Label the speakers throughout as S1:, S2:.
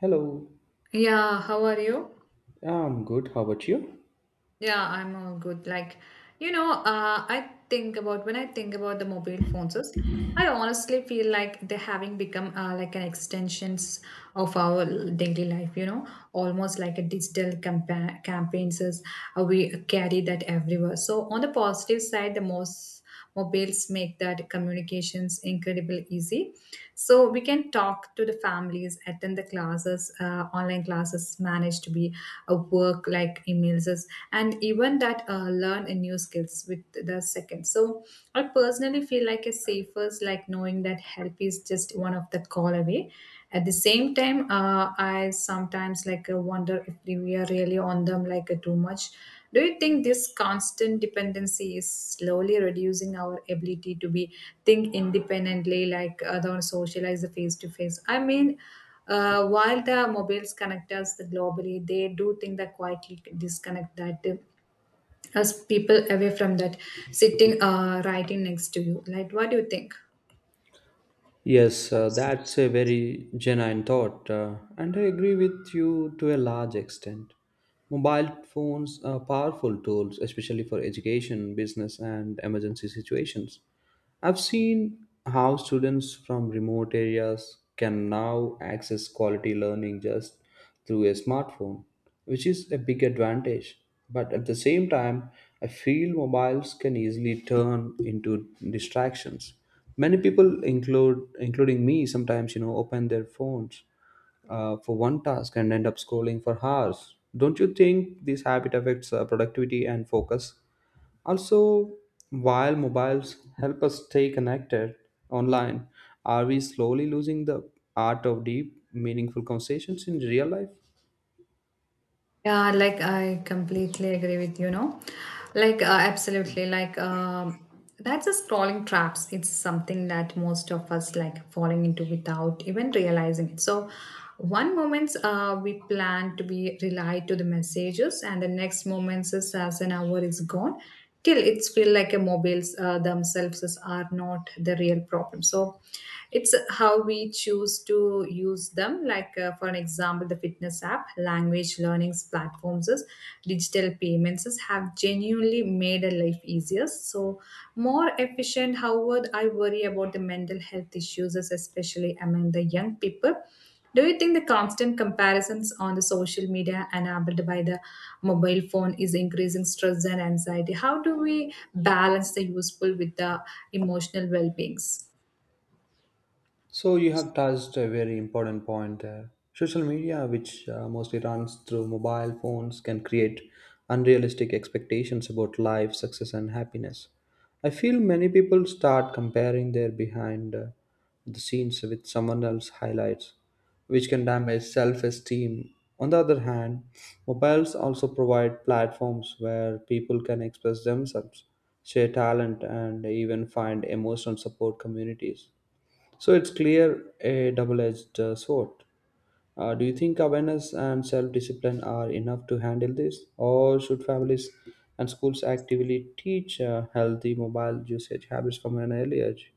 S1: Hello,
S2: Yeah, how are you?
S1: I'm good. How about you?
S2: Yeah, I'm all good. I think about when I think about the mobile phones, is, I honestly feel like they're having become like an extensions of our daily life, almost like a digital campaigns is we carry that everywhere. So on the positive side, the most mobiles make that communications incredible easy, so we can talk to the families, attend the classes, online classes, manage to be a work like and even that learn a new skills with the second. So I personally feel like a safest, like knowing that help is just one of the call away. At the same time, I sometimes like wonder if we are really on them like too much. Do you think this constant dependency is slowly reducing our ability to be think independently, like other socialize face to face? While the mobiles connect us globally, they do think that quietly disconnect that us people away from that sitting right in next to you. Like, what do you think?
S1: Yes, that's a very genuine thought, and I agree with you to a large extent. Mobile phones are powerful tools, especially for education, business, and emergency situations. I've seen how students from remote areas can now access quality learning just through a smartphone, which is a big advantage. But at the same time, I feel mobiles can easily turn into distractions. Many people, include including me, sometimes open their phones for one task and end up scrolling for hours. Don't you think this habit affects productivity and focus? Also, while mobiles help us stay connected online, are we slowly losing the art of deep, meaningful conversations in real life?
S2: Yeah, like I completely agree with you, know, like absolutely, that's a scrolling traps. It's something that most of us like falling into without even realizing it. So, one moments we plan to be relied to the messages, and the next moments is as an hour is gone, till it's feel like a mobiles are not the real problem. So it's how we choose to use them, like for an example, the fitness app, language learnings platforms is, digital payments is, have genuinely made a life easier, so more efficient. However, I worry about the mental health issues is, especially among the young people. Do you think the constant comparisons on the social media, enabled by the mobile phone, is increasing stress and anxiety? How do we balance the useful with the emotional well-beings?
S1: So you have touched a very important point there. Social media, which mostly runs through mobile phones, can create unrealistic expectations about life, success, and happiness. I feel many people start comparing their behind the scenes with someone else's highlights, which can damage self esteem. On the other hand, mobiles also provide platforms where people can express themselves, share talent, and even find emotional support communities. So it's clear a double-edged sword. Do you think awareness and self-discipline are enough to handle this, or should families and schools actively teach healthy mobile usage habits from an early age?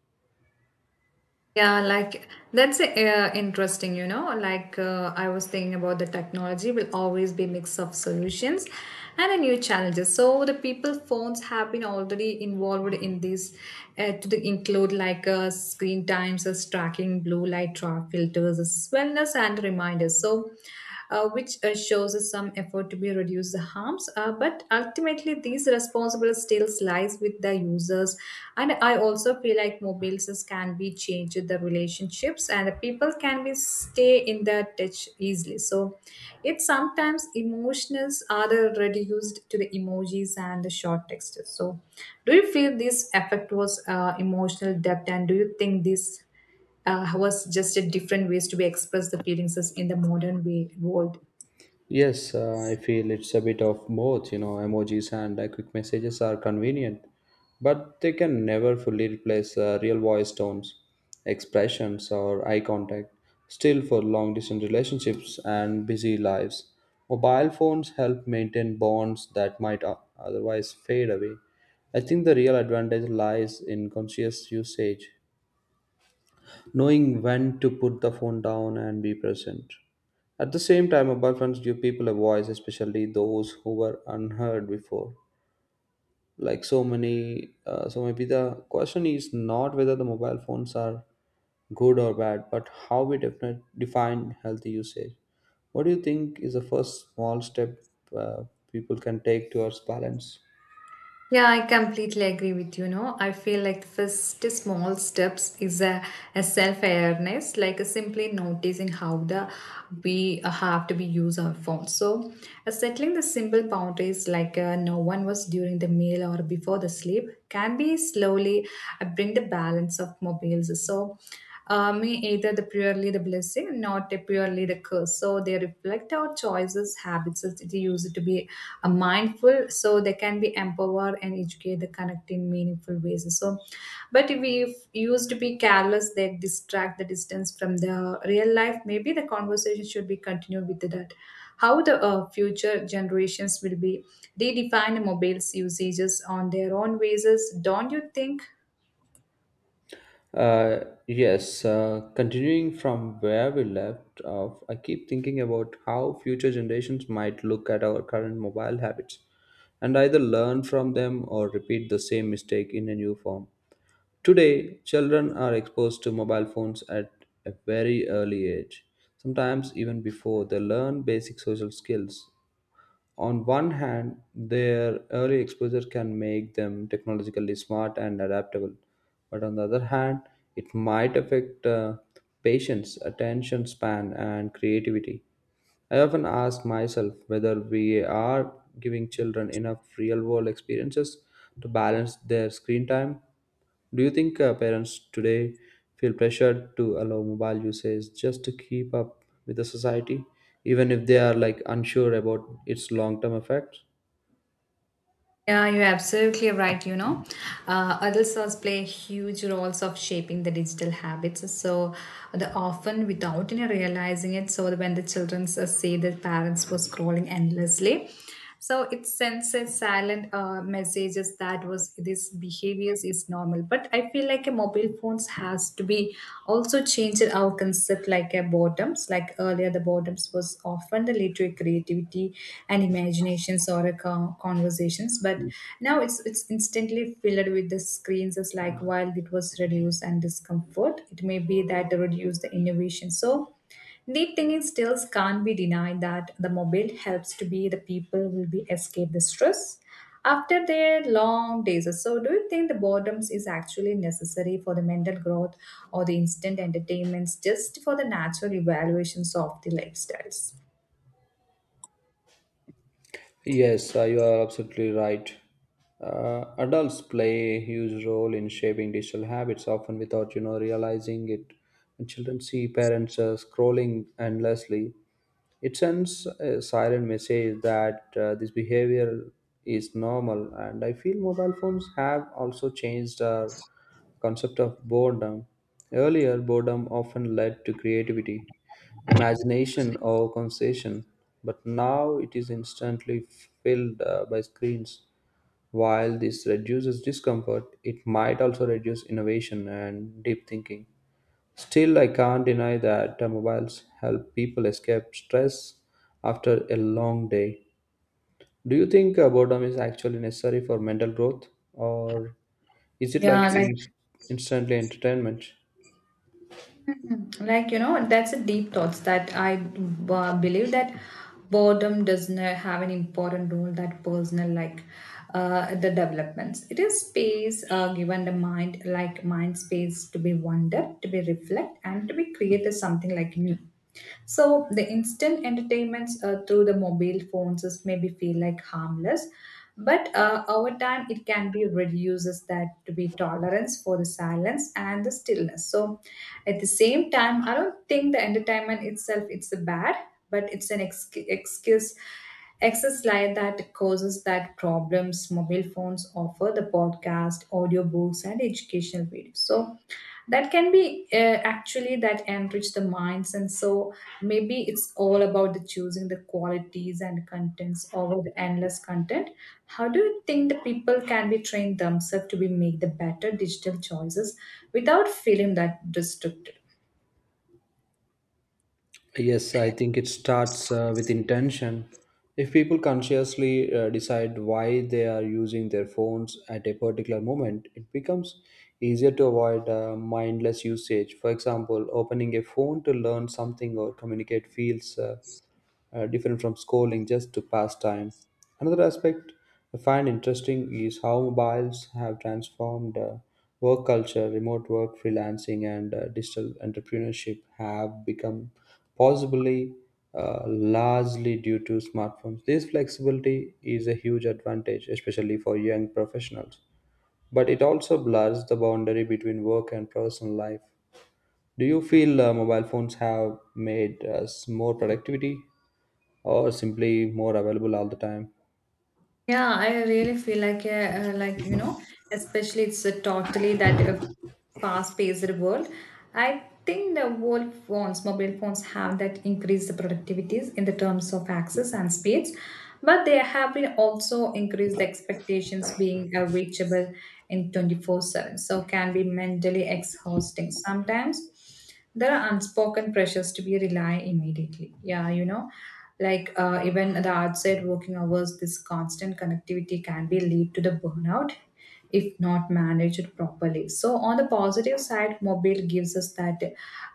S2: Yeah, like that's interesting, you know. Like I was thinking about the technology will always be mix of solutions and a new challenges. So the people phones have been already involved in this to the include like screen times, as tracking, blue light, trap filters, as wellness and reminders. So which shows us some effort to be reduce the harms. But ultimately, these responsible still lies with the users. And I also feel like mobiles can be changed the relationships, and the people can be stay in the touch easily. So it sometimes emotions are the reduced to the emojis and the short texts. So do you feel this effect was emotional depth, and do you think this was just a different ways to be express the feelings in the modern way world?
S1: Yes, I feel it's a bit of both, emojis and quick messages are convenient, but they can never fully replace real voice tones, expressions, or eye contact. Still, for long distance relationships and busy lives, mobile phones help maintain bonds that might otherwise fade away. I think the real advantage lies in conscious usage, knowing when to put the phone down and be present. At the same time, mobile phones give people a voice, especially those who were unheard before. Like so many, so maybe the question is not whether the mobile phones are good or bad, but how we define healthy usage. What do you think is the first small step uh, people can take towards balance?
S2: Yeah, I completely agree with you. No, I feel like the first small steps is a self awareness, like simply noticing how the we have to be use our phone. So, settling the simple boundaries like no one was during the meal or before the sleep can be slowly bring the balance of mobiles. So, may either the purely the blessing, not a purely the curse. So they reflect our choices, habits, that they use it to be mindful, so they can be empowered and educate the connect in meaningful ways. So, but if we used to be careless, they distract the distance from the real life. Maybe the conversation should be continued with that. How the future generations will be redefine mobile's usages on their own basis. Don't you think?
S1: Uh, yes, continuing from where we left off, I keep thinking about how future generations might look at our current mobile habits and either learn from them or repeat the same mistake in a new form. Today, children are exposed to mobile phones at a very early age, sometimes even before they learn basic social skills. On one hand, their early exposure can make them technologically smart and adaptable, but on the other hand, it might affect patience, attention span, and creativity. I often ask myself whether we are giving children enough real world experiences to balance their screen time. Do you think parents today feel pressured to allow mobile usage just to keep up with the society, even if they are like unsure about its long-term effects?
S2: Yeah, you're absolutely right. You know, adults also play huge roles of shaping the digital habits. So, the often without any realizing it. So, when the children see their parents were scrolling endlessly, so it sends a silent messages that was this behaviors is normal. But I feel like a mobile phones has to be also changed our concept like a boredoms, like earlier the boredoms was often the lead to a creativity and imaginations or a conversations, but now it's instantly filled with the screens as, like while it was reduced and discomfort, it may be that reduce the innovation. So deep thinking skills can't be denied that the mobile helps to be the people will be escape the stress after their long days. So, do you think the boredoms is actually necessary for the mental growth, or the instant entertainments just for the natural evaluations of the lifestyles?
S1: Yes, you are absolutely right. Adults play a huge role in shaping digital habits, often without realizing it. When children see parents scrolling endlessly, it sends a silent message that this behavior is normal, and I feel mobile phones have also changed our concept of boredom. Earlier, boredom often led to creativity, imagination, or conversation, but now it is instantly filled by screens. While this reduces discomfort, it might also reduce innovation and deep thinking. Still, I can't deny that mobiles help people escape stress after a long day. Do you think boredom is actually necessary for mental growth, or is it like
S2: Yeah, like
S1: instantly entertainment?
S2: Mm, like, you know, that's a deep thoughts that I believe that boredom does not have an important role that personal like the developments. It is space given the mind, like mind space to be wonder, to be reflect, and to be created something like new. So the instant entertainments through the mobile phones is maybe feel like harmless, but over time, it can be reduces that to be tolerance for the silence and the stillness. So at the same time, I don't think the entertainment itself it's a bad, but it's an excuse excess light that causes that problems. Mobile phones offer the podcast, audiobooks and educational videos, so that can be actually that enrich the minds. And so maybe it's all about the choosing the qualities and contents over the endless content. How do you think the people can be trained themselves to be make the better digital choices without feeling that restricted?
S1: Yes, I think it starts with intention. If people consciously decide why they are using their phones at a particular moment, it becomes easier to avoid mindless usage. For example, opening a phone to learn something or communicate feels different from scrolling just to pass time. Another aspect I find interesting is how mobiles have transformed work culture. Remote work, freelancing, and digital entrepreneurship have become possibly largely due to smartphones. This flexibility is a huge advantage, especially for young professionals, but it also blurs the boundary between work and personal life. Do you feel mobile phones have made us more productivity or simply more available all the time?
S2: Yeah, I really feel like you know, especially it's a totally that fast-paced world. I think the world phones, mobile phones, have that increased the productivities in the terms of access and speeds, but they have been also increased the expectations being reachable in 24/7, so can be mentally exhausting sometimes. There are unspoken pressures to be rely immediately. Yeah, you know, like even the outside working hours, this constant connectivity can be lead to the burnout if not managed properly. So on the positive side, mobile gives us that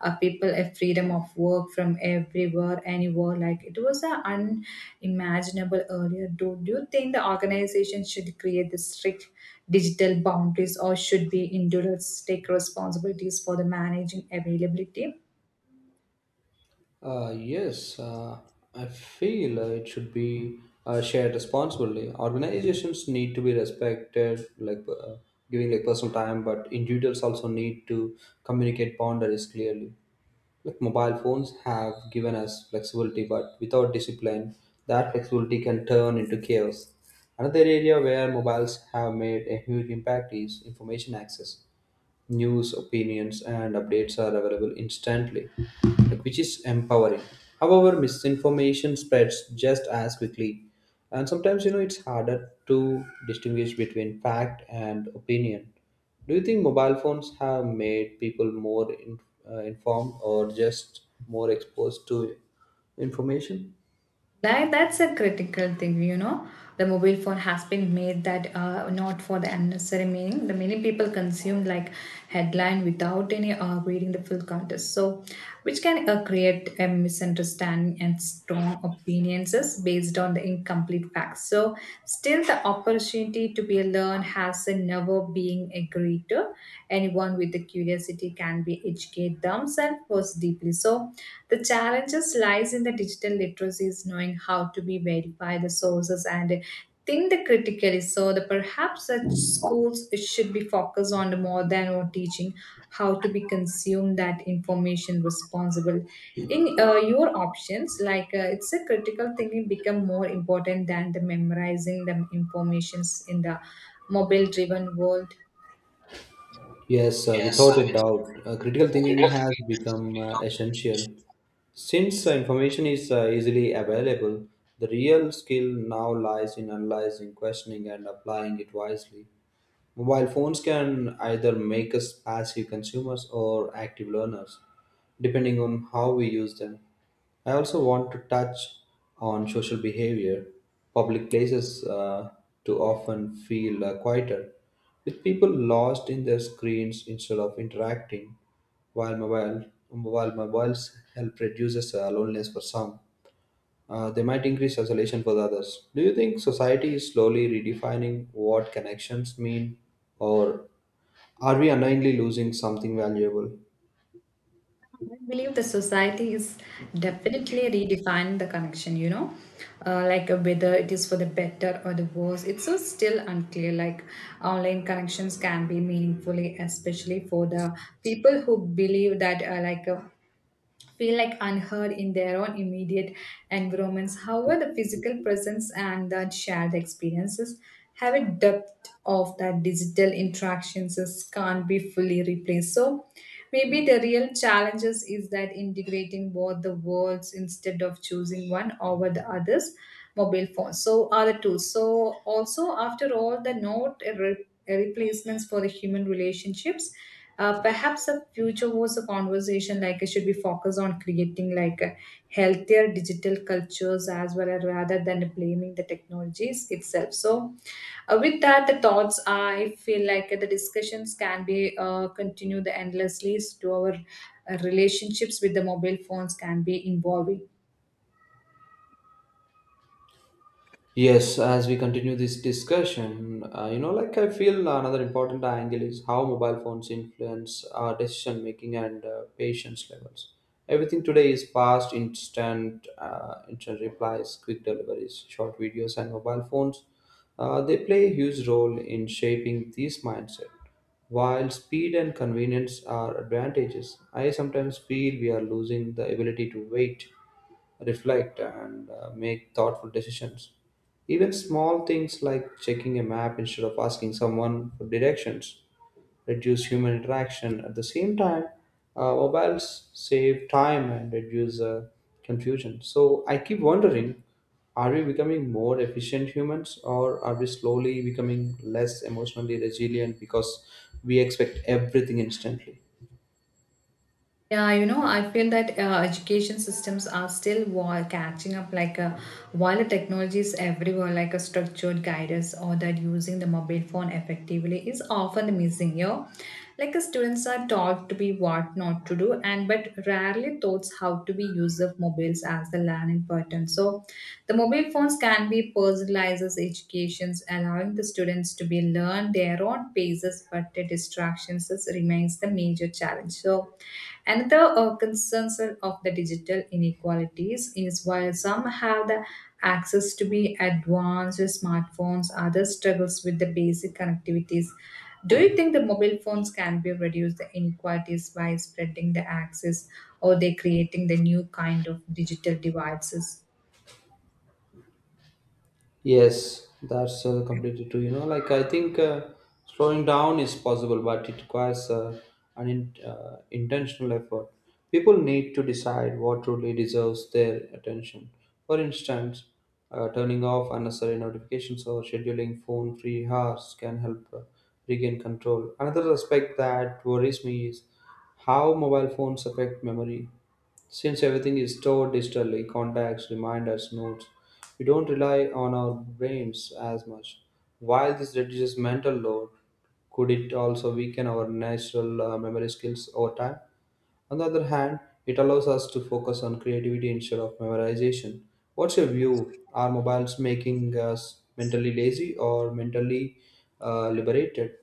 S2: people a freedom of work from everywhere, anywhere. Like it was a unimaginable earlier. Do you think the organization should create this strict digital boundaries, or should be individuals take responsibilities for the managing availability?
S1: Yes, I feel it should be shared responsibly. Organizations need to be respected, like giving like personal time, but individuals also need to communicate boundaries clearly. Like mobile phones have given us flexibility, but without discipline, that flexibility can turn into chaos. Another area where mobiles have made a huge impact is information access. News, opinions, and updates are available instantly, which is empowering. However, misinformation spreads just as quickly, and sometimes it's harder to distinguish between fact and opinion. Do you think mobile phones have made people more informed or just more exposed to information?
S2: That's a critical thing, you know. The mobile phone has been made that not for the unnecessary meaning. The many people consume like headline without any reading the full context. So, which can create a misunderstanding and strong opinions based on the incomplete facts. So, still the opportunity to be learned has never been agreed to. Anyone with the curiosity can be educate themselves first deeply. So, the challenges lies in the digital literacy is knowing how to be verify the sources and think the critically. So the perhaps such schools should be focused on more than on teaching how to be consume that information responsible. In your options, like it's a critical thinking become more important than the memorizing the informations in the mobile driven world.
S1: Yes, without a doubt, critical thinking has become essential. Since information is easily available, the real skill now lies in analyzing, questioning, and applying it wisely. Mobile phones can either make us passive consumers or active learners, depending on how we use them. I also want to touch on social behavior. Public places too often feel quieter, with people lost in their screens instead of interacting. While mobiles help reduces loneliness for some, they might increase isolation for the others. Do you think society is slowly redefining what connections mean, or are we unknowingly losing something valuable?
S2: I believe the society is definitely redefining the connection, you know, whether it is for the better or the worse. It's so still unclear. Like online connections can be meaningfully, especially for the people who believe that, feel like unheard in their own immediate environments. However, the physical presence and that shared experiences have a depth of that digital can't be fully replaced. So maybe the real challenges is that integrating both the worlds instead of choosing one over the others. Mobile phones so are the two, so also after all the note replacements for the human relationships. Perhaps the future was a conversation, like it should be focused on creating like a healthier digital cultures as well as rather than blaming the technologies itself. So, with that, the thoughts I feel like the discussions can be continued endlessly to our relationships with the mobile phones can be involving.
S1: Yes, as we continue this discussion, like I feel another important angle is how mobile phones influence our decision making and patience levels. Everything today is fast, instant replies, quick deliveries, short videos, and mobile phones. They play a huge role in shaping this mindset. While speed and convenience are advantages, I sometimes feel we are losing the ability to wait, reflect, and make thoughtful decisions. Even small things like checking a map instead of asking someone for directions reduce human interaction. At the same time, mobiles save time and reduce confusion. So I keep wondering, are we becoming more efficient humans, or are we slowly becoming less emotionally resilient because we expect everything instantly?
S2: Yeah, you know, I feel that education systems are still catching up. Like, while the technology is everywhere, like a structured guidance or that using the mobile phone effectively is often missing. Yeah, like students are taught to be what not to do, and but rarely taught how to be use of mobiles as the learning pattern. So, the mobile phones can be personalized educations, allowing the students to be learn their own paces, but the remains the major challenge. So another concerns of the digital inequalities is while some have the access to be advanced smartphones, others struggles with the basic connectivities. Do you think the mobile phones can be reduce the inequalities by spreading the access, or they creating the new kind of digital devices?
S1: Yes, that's completely true. Like I think slowing down is possible, but it requires an intentional effort. People need to decide what truly deserves their attention. For instance, turning off unnecessary notifications or scheduling phone free hours can help regain control. Another aspect that worries me is how mobile phones affect memory. Since everything is stored digitally, contacts, reminders, notes, we don't rely on our brains as much. While this reduces mental load, could it also weaken our natural memory skills over time? On the other hand, it allows us to focus on creativity instead of memorization. What's your view? Are mobiles making us mentally lazy or mentally liberated?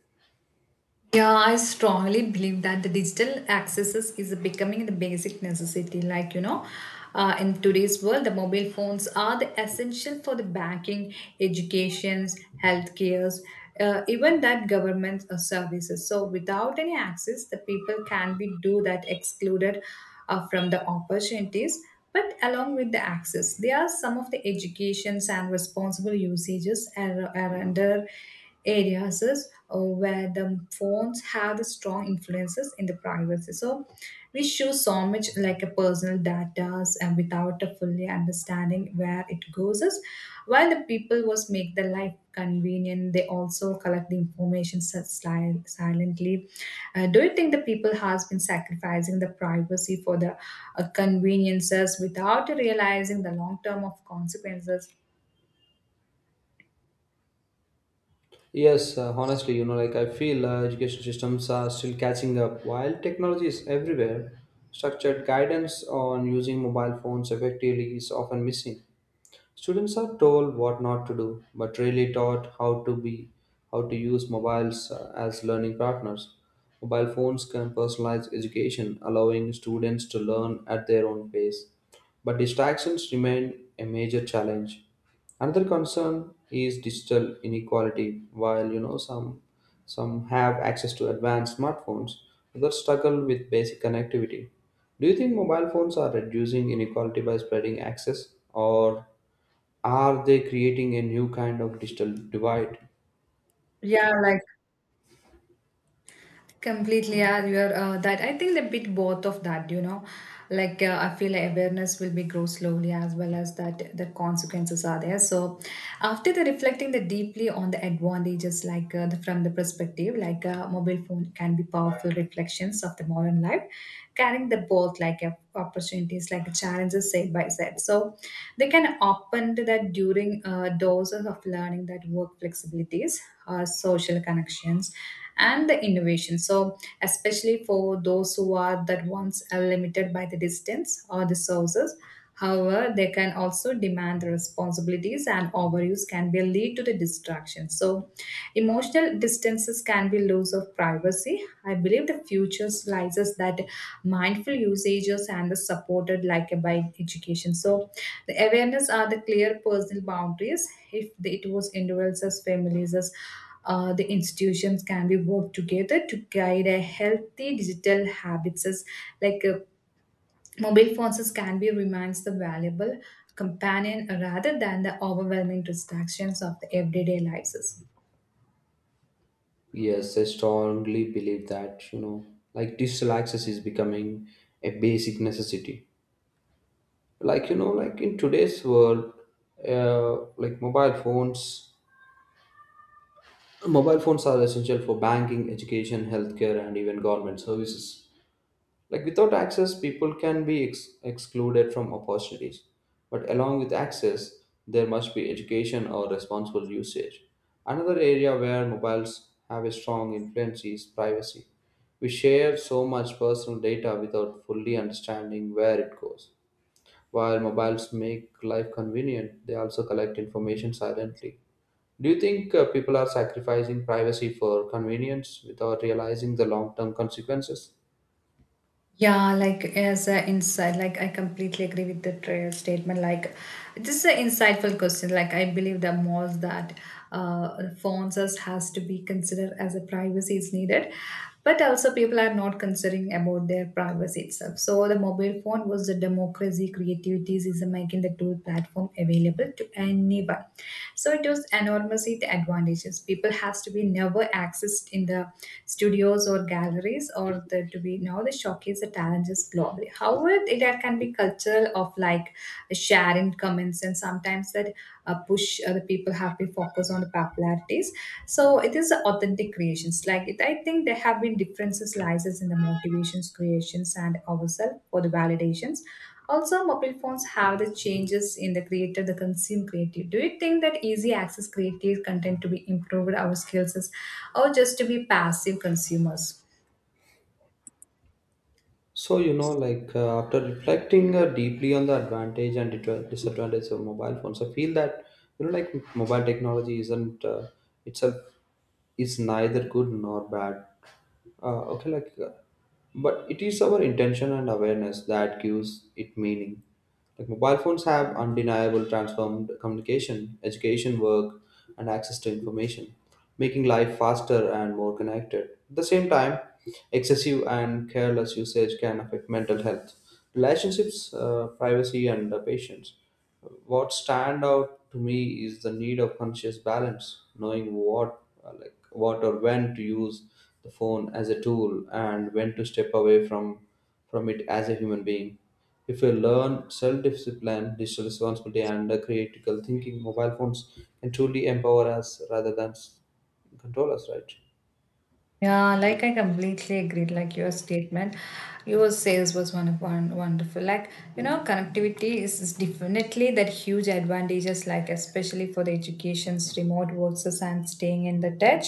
S2: Yeah, I strongly believe that the digital accesses is becoming the basic necessity. Like, in today's world, the mobile phones are the essential for the banking, educations, healthcares, even that government services. So without any access, the people can be do that excluded from the opportunities. But along with the access, there are some of the educations and responsible usages are under areas is, where the phones have the strong influences in the privacy. So we show so much like a personal data and without a fully understanding where it goes is. While the people was make the life convenient, they also collect the information silently. Do you think the people has been sacrificing the privacy for the conveniences without realizing the long term of consequences?
S1: Yes, honestly, like I feel education systems are still catching up. While technology is everywhere, structured guidance on using mobile phones effectively is often missing. Students are told what not to do, but really taught how to use mobiles as learning partners. Mobile phones can personalize education, allowing students to learn at their own pace. But distractions remain a major challenge. Another concern is digital inequality. While some have access to advanced smartphones, others struggle with basic connectivity. Do you think mobile phones are reducing inequality by spreading access, or are they creating a new kind of digital divide?
S2: Yeah. Completely, yeah, you're that. I think a bit both of that, you know, I feel awareness will be grow slowly as well as that the consequences are there. So after the reflecting the deeply on the advantages, from the perspective, like a mobile phone can be powerful reflections of the modern life, carrying the both opportunities, like challenges side by side. So they can open to that during doses of learning that work flexibilities, social connections and the innovation. So, especially for those who are that ones are limited by the distance or the sources. However, they can also demand the responsibilities and overuse can be lead to the distraction. So, emotional distances can be loss of privacy. I believe the future lies is that mindful usages and the supported like by education. So, the awareness are the clear personal boundaries. If the, it was individuals as families as the institutions can be work together to guide a healthy digital habits as like uh, mobile phones as can be remains the valuable companion rather than the overwhelming distractions of the everyday lives.
S1: Yes, I strongly believe that, like digital access is becoming a basic necessity. Like, like in today's world, like mobile phones are essential for banking, education, healthcare, and even government services. Like without access, people can be excluded from opportunities. But along with access, there must be education or responsible usage. Another area where mobiles have a strong influence is privacy. We share so much personal data without fully understanding where it goes. While mobiles make life convenient, they also collect information silently. Do you think people are sacrificing privacy for convenience without realizing the long term consequences?
S2: Yeah, like as an insight, like I completely agree with the trail statement. Like this is an insightful question. Like I believe the most that phones us has to be considered as a privacy is needed, but also people are not considering about their privacy itself. So the mobile phone one was the democracy creativities is making the tool platform available to anyone, so it was enormously the advantages people has to be never accessed in the studios or galleries or the, to be now the showcase the challenges globally. However, it that can be cultural of like sharing comments and sometimes that push the people have to focus on the popularity, so it is authentic creations like it. I think there have been differences lies in the motivations creations and ourselves for the validations. Also mobile phones have the changes in the creator the consume creative. Do you think that easy access creative content to be improved our skills is, or just to be passive consumers?
S1: So, like after reflecting deeply on the advantage and disadvantage of mobile phones, I feel that, like mobile technology isn't itself is neither good nor bad. Okay, like, but it is our intention and awareness that gives it meaning. Like mobile phones have undeniable transformed communication, education, work, and access to information, making life faster and more connected. At the same time, excessive and careless usage can affect mental health, relationships, privacy, and patience. What stand out to me is the need of conscious balance, knowing what, like what or when to use the phone as a tool and when to step away from it as a human being. If we learn self discipline, digital responsibility, and critical thinking, mobile phones can truly empower us rather than control us, right?
S2: Yeah, like I completely agreed. Like your statement, your sales was one of one wonderful. Like you know, connectivity is definitely that huge advantages. Like especially for the educations, remote works, and staying in the touch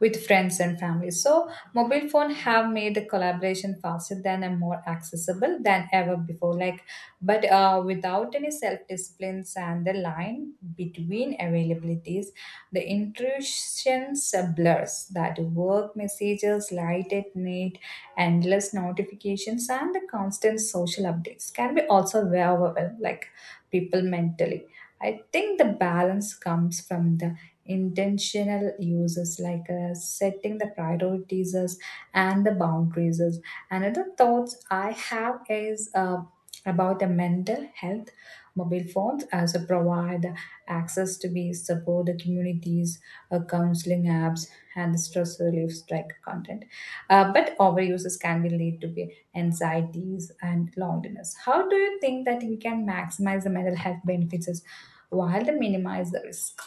S2: with friends and family. So mobile phone have made the collaboration faster than and more accessible than ever before. Like, but without any self disciplines and the line between availabilities the intrusions blurs that work messages, light at night, endless notifications, and the constant social updates can be also very overwhelming, like people mentally. I think the balance comes from the intentional uses setting the priorities as, and the boundaries. As. Another thoughts I have is about the mental health. Mobile phones as a provide access to be support the communities, counseling apps, and stress relief strike content. But overuses can be lead to be anxieties and loneliness. How do you think that we can maximize the mental health benefits while they minimize the risk?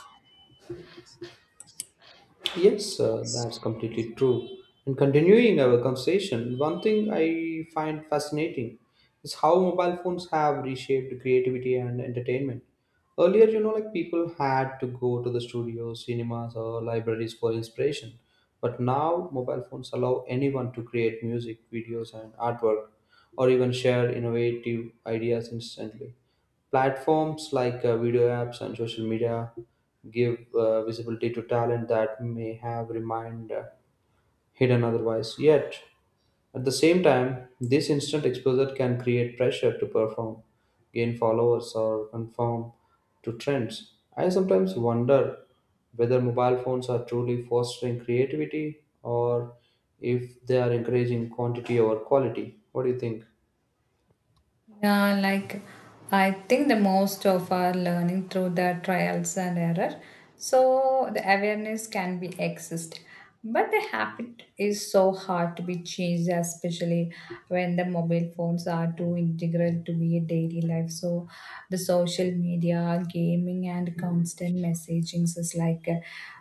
S1: Yes, that's completely true. And continuing our conversation, one thing I find fascinating is how mobile phones have reshaped creativity and entertainment. Earlier, like people had to go to the studios, cinemas, or libraries for inspiration. But now, mobile phones allow anyone to create music, videos, and artwork, or even share innovative ideas instantly. Platforms like video apps and social media give visibility to talent that may have remained hidden otherwise. Yet, at the same time, this instant exposure can create pressure to perform, gain followers, or conform to trends. I sometimes wonder whether mobile phones are truly fostering creativity or if they are encouraging quantity over quality. What do you think?
S2: Yeah, like I think the most of our learning through the trials and error. So the awareness can be exist, but the habit is so hard to be changed, especially when the mobile phones are too integral to be a daily life. So the social media, gaming, and constant messaging is like.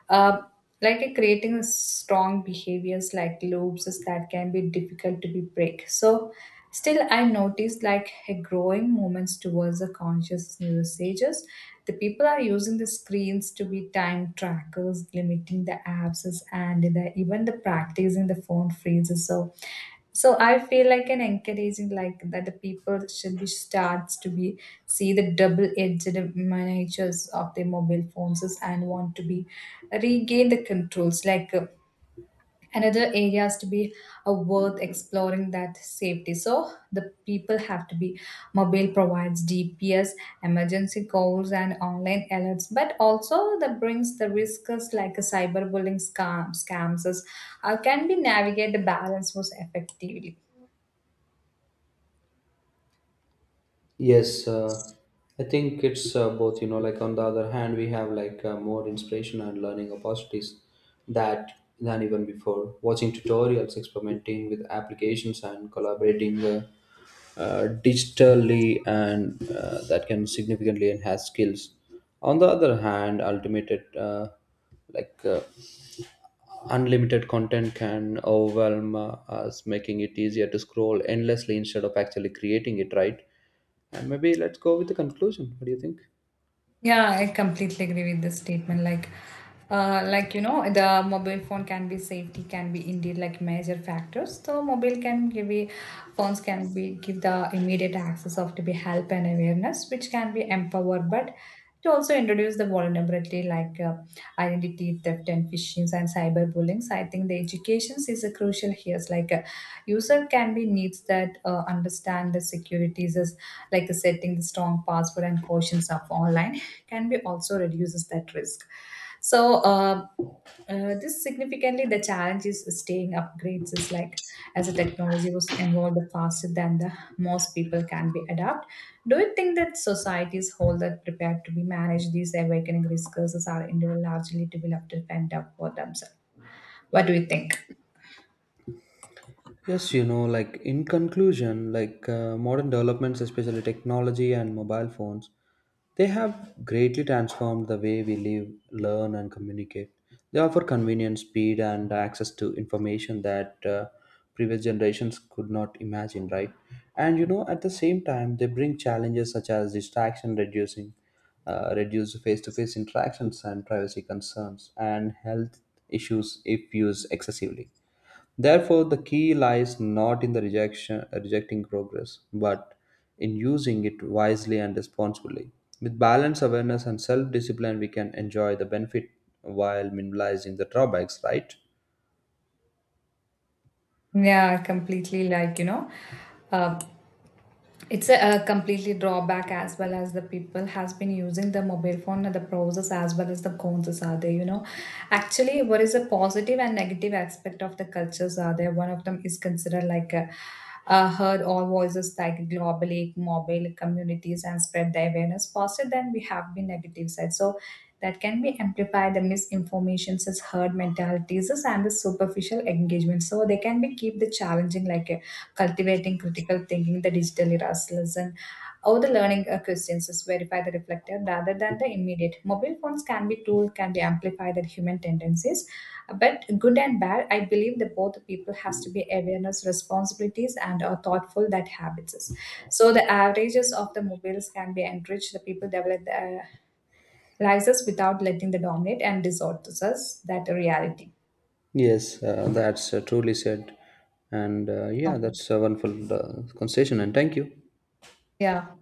S2: Uh, Creating a strong behaviors like loops that can be difficult to be break. So still I noticed like a growing movements towards the conscious usages. The people are using the screens to be time trackers, limiting the apps, and the, even the practicing the phone freezes. So so I feel like an encouraging like that the people should be starts to be see the double edged miniatures of their mobile phones is, and want to be regain the controls another areas to be worth exploring that safety. So the people have to be mobile provides dps emergency calls and online alerts, but also that brings the risks like a cyberbullying scams is, can be navigate the balance most effectively.
S1: Yes, I think it's both. Like on the other hand, we have like more inspiration and learning opportunities that than even before. Watching tutorials, experimenting with applications, and collaborating digitally, and that can significantly enhance skills. On the other hand, ultimate uh, like. Unlimited content can overwhelm us, making it easier to scroll endlessly instead of actually creating it, right? And maybe let's go with the conclusion. What do you think?
S2: Yeah, I completely agree with this statement. Like, you know, the mobile phone can be safety can be indeed like major factors. So mobile can give a, phones can be give the immediate access of to be help and awareness, which can be empowered, but it also introduce the vulnerability identity theft and phishing and cyberbullying. So I think the education is a crucial here. It's like a user can be needs that understand the securities as like setting the strong password and cautions of online can be also reduces that risk. So this significantly the challenge is staying upgrades is like as the technology was involved the faster than the most people can be adapt. Do you think that societies hold that prepared to be manage these awakening risks as are individual largely developed and up for themselves? What do you think?
S1: Yes, like in conclusion, like modern developments, especially technology and mobile phones, they have greatly transformed the way we live, learn, and communicate. They offer convenience, speed, and access to information that previous generations could not imagine, right? And at the same time, they bring challenges such as distraction, reducing, reduce face-to-face interactions, and privacy concerns, and health issues if used excessively. Therefore, the key lies not in rejecting progress, but in using it wisely and responsibly. With balanced awareness and self discipline, we can enjoy the benefit while minimizing the drawbacks, right?
S2: Yeah, completely like you know. Uh, it's a completely drawback as well as the people has been using the mobile phone and the pros as well as the cons are there, you know. Actually, what is a positive and negative aspect of the cultures are there, one of them is considered like a, heard all voices like globally mobile communities and spread the awareness faster than we have been negative side. So that can be amplified the misinformations as heard mentalities is and the superficial engagement, so they can be keep the challenging like a cultivating critical thinking, the digital eras lesson, how the learning questions is verify the reflective rather than the immediate. Mobile phones can be tool, can be amplified the human tendencies, but good and bad, I believe that both people has to be awareness, responsibilities, and are thoughtful that habits. Is. So the averages of the mobiles can be enriched. The people develop the license without letting the dominate and distort us that reality.
S1: Yes, that's truly said. And yeah,
S2: Um,
S1: that's a wonderful conversation, and thank you.
S2: yeah.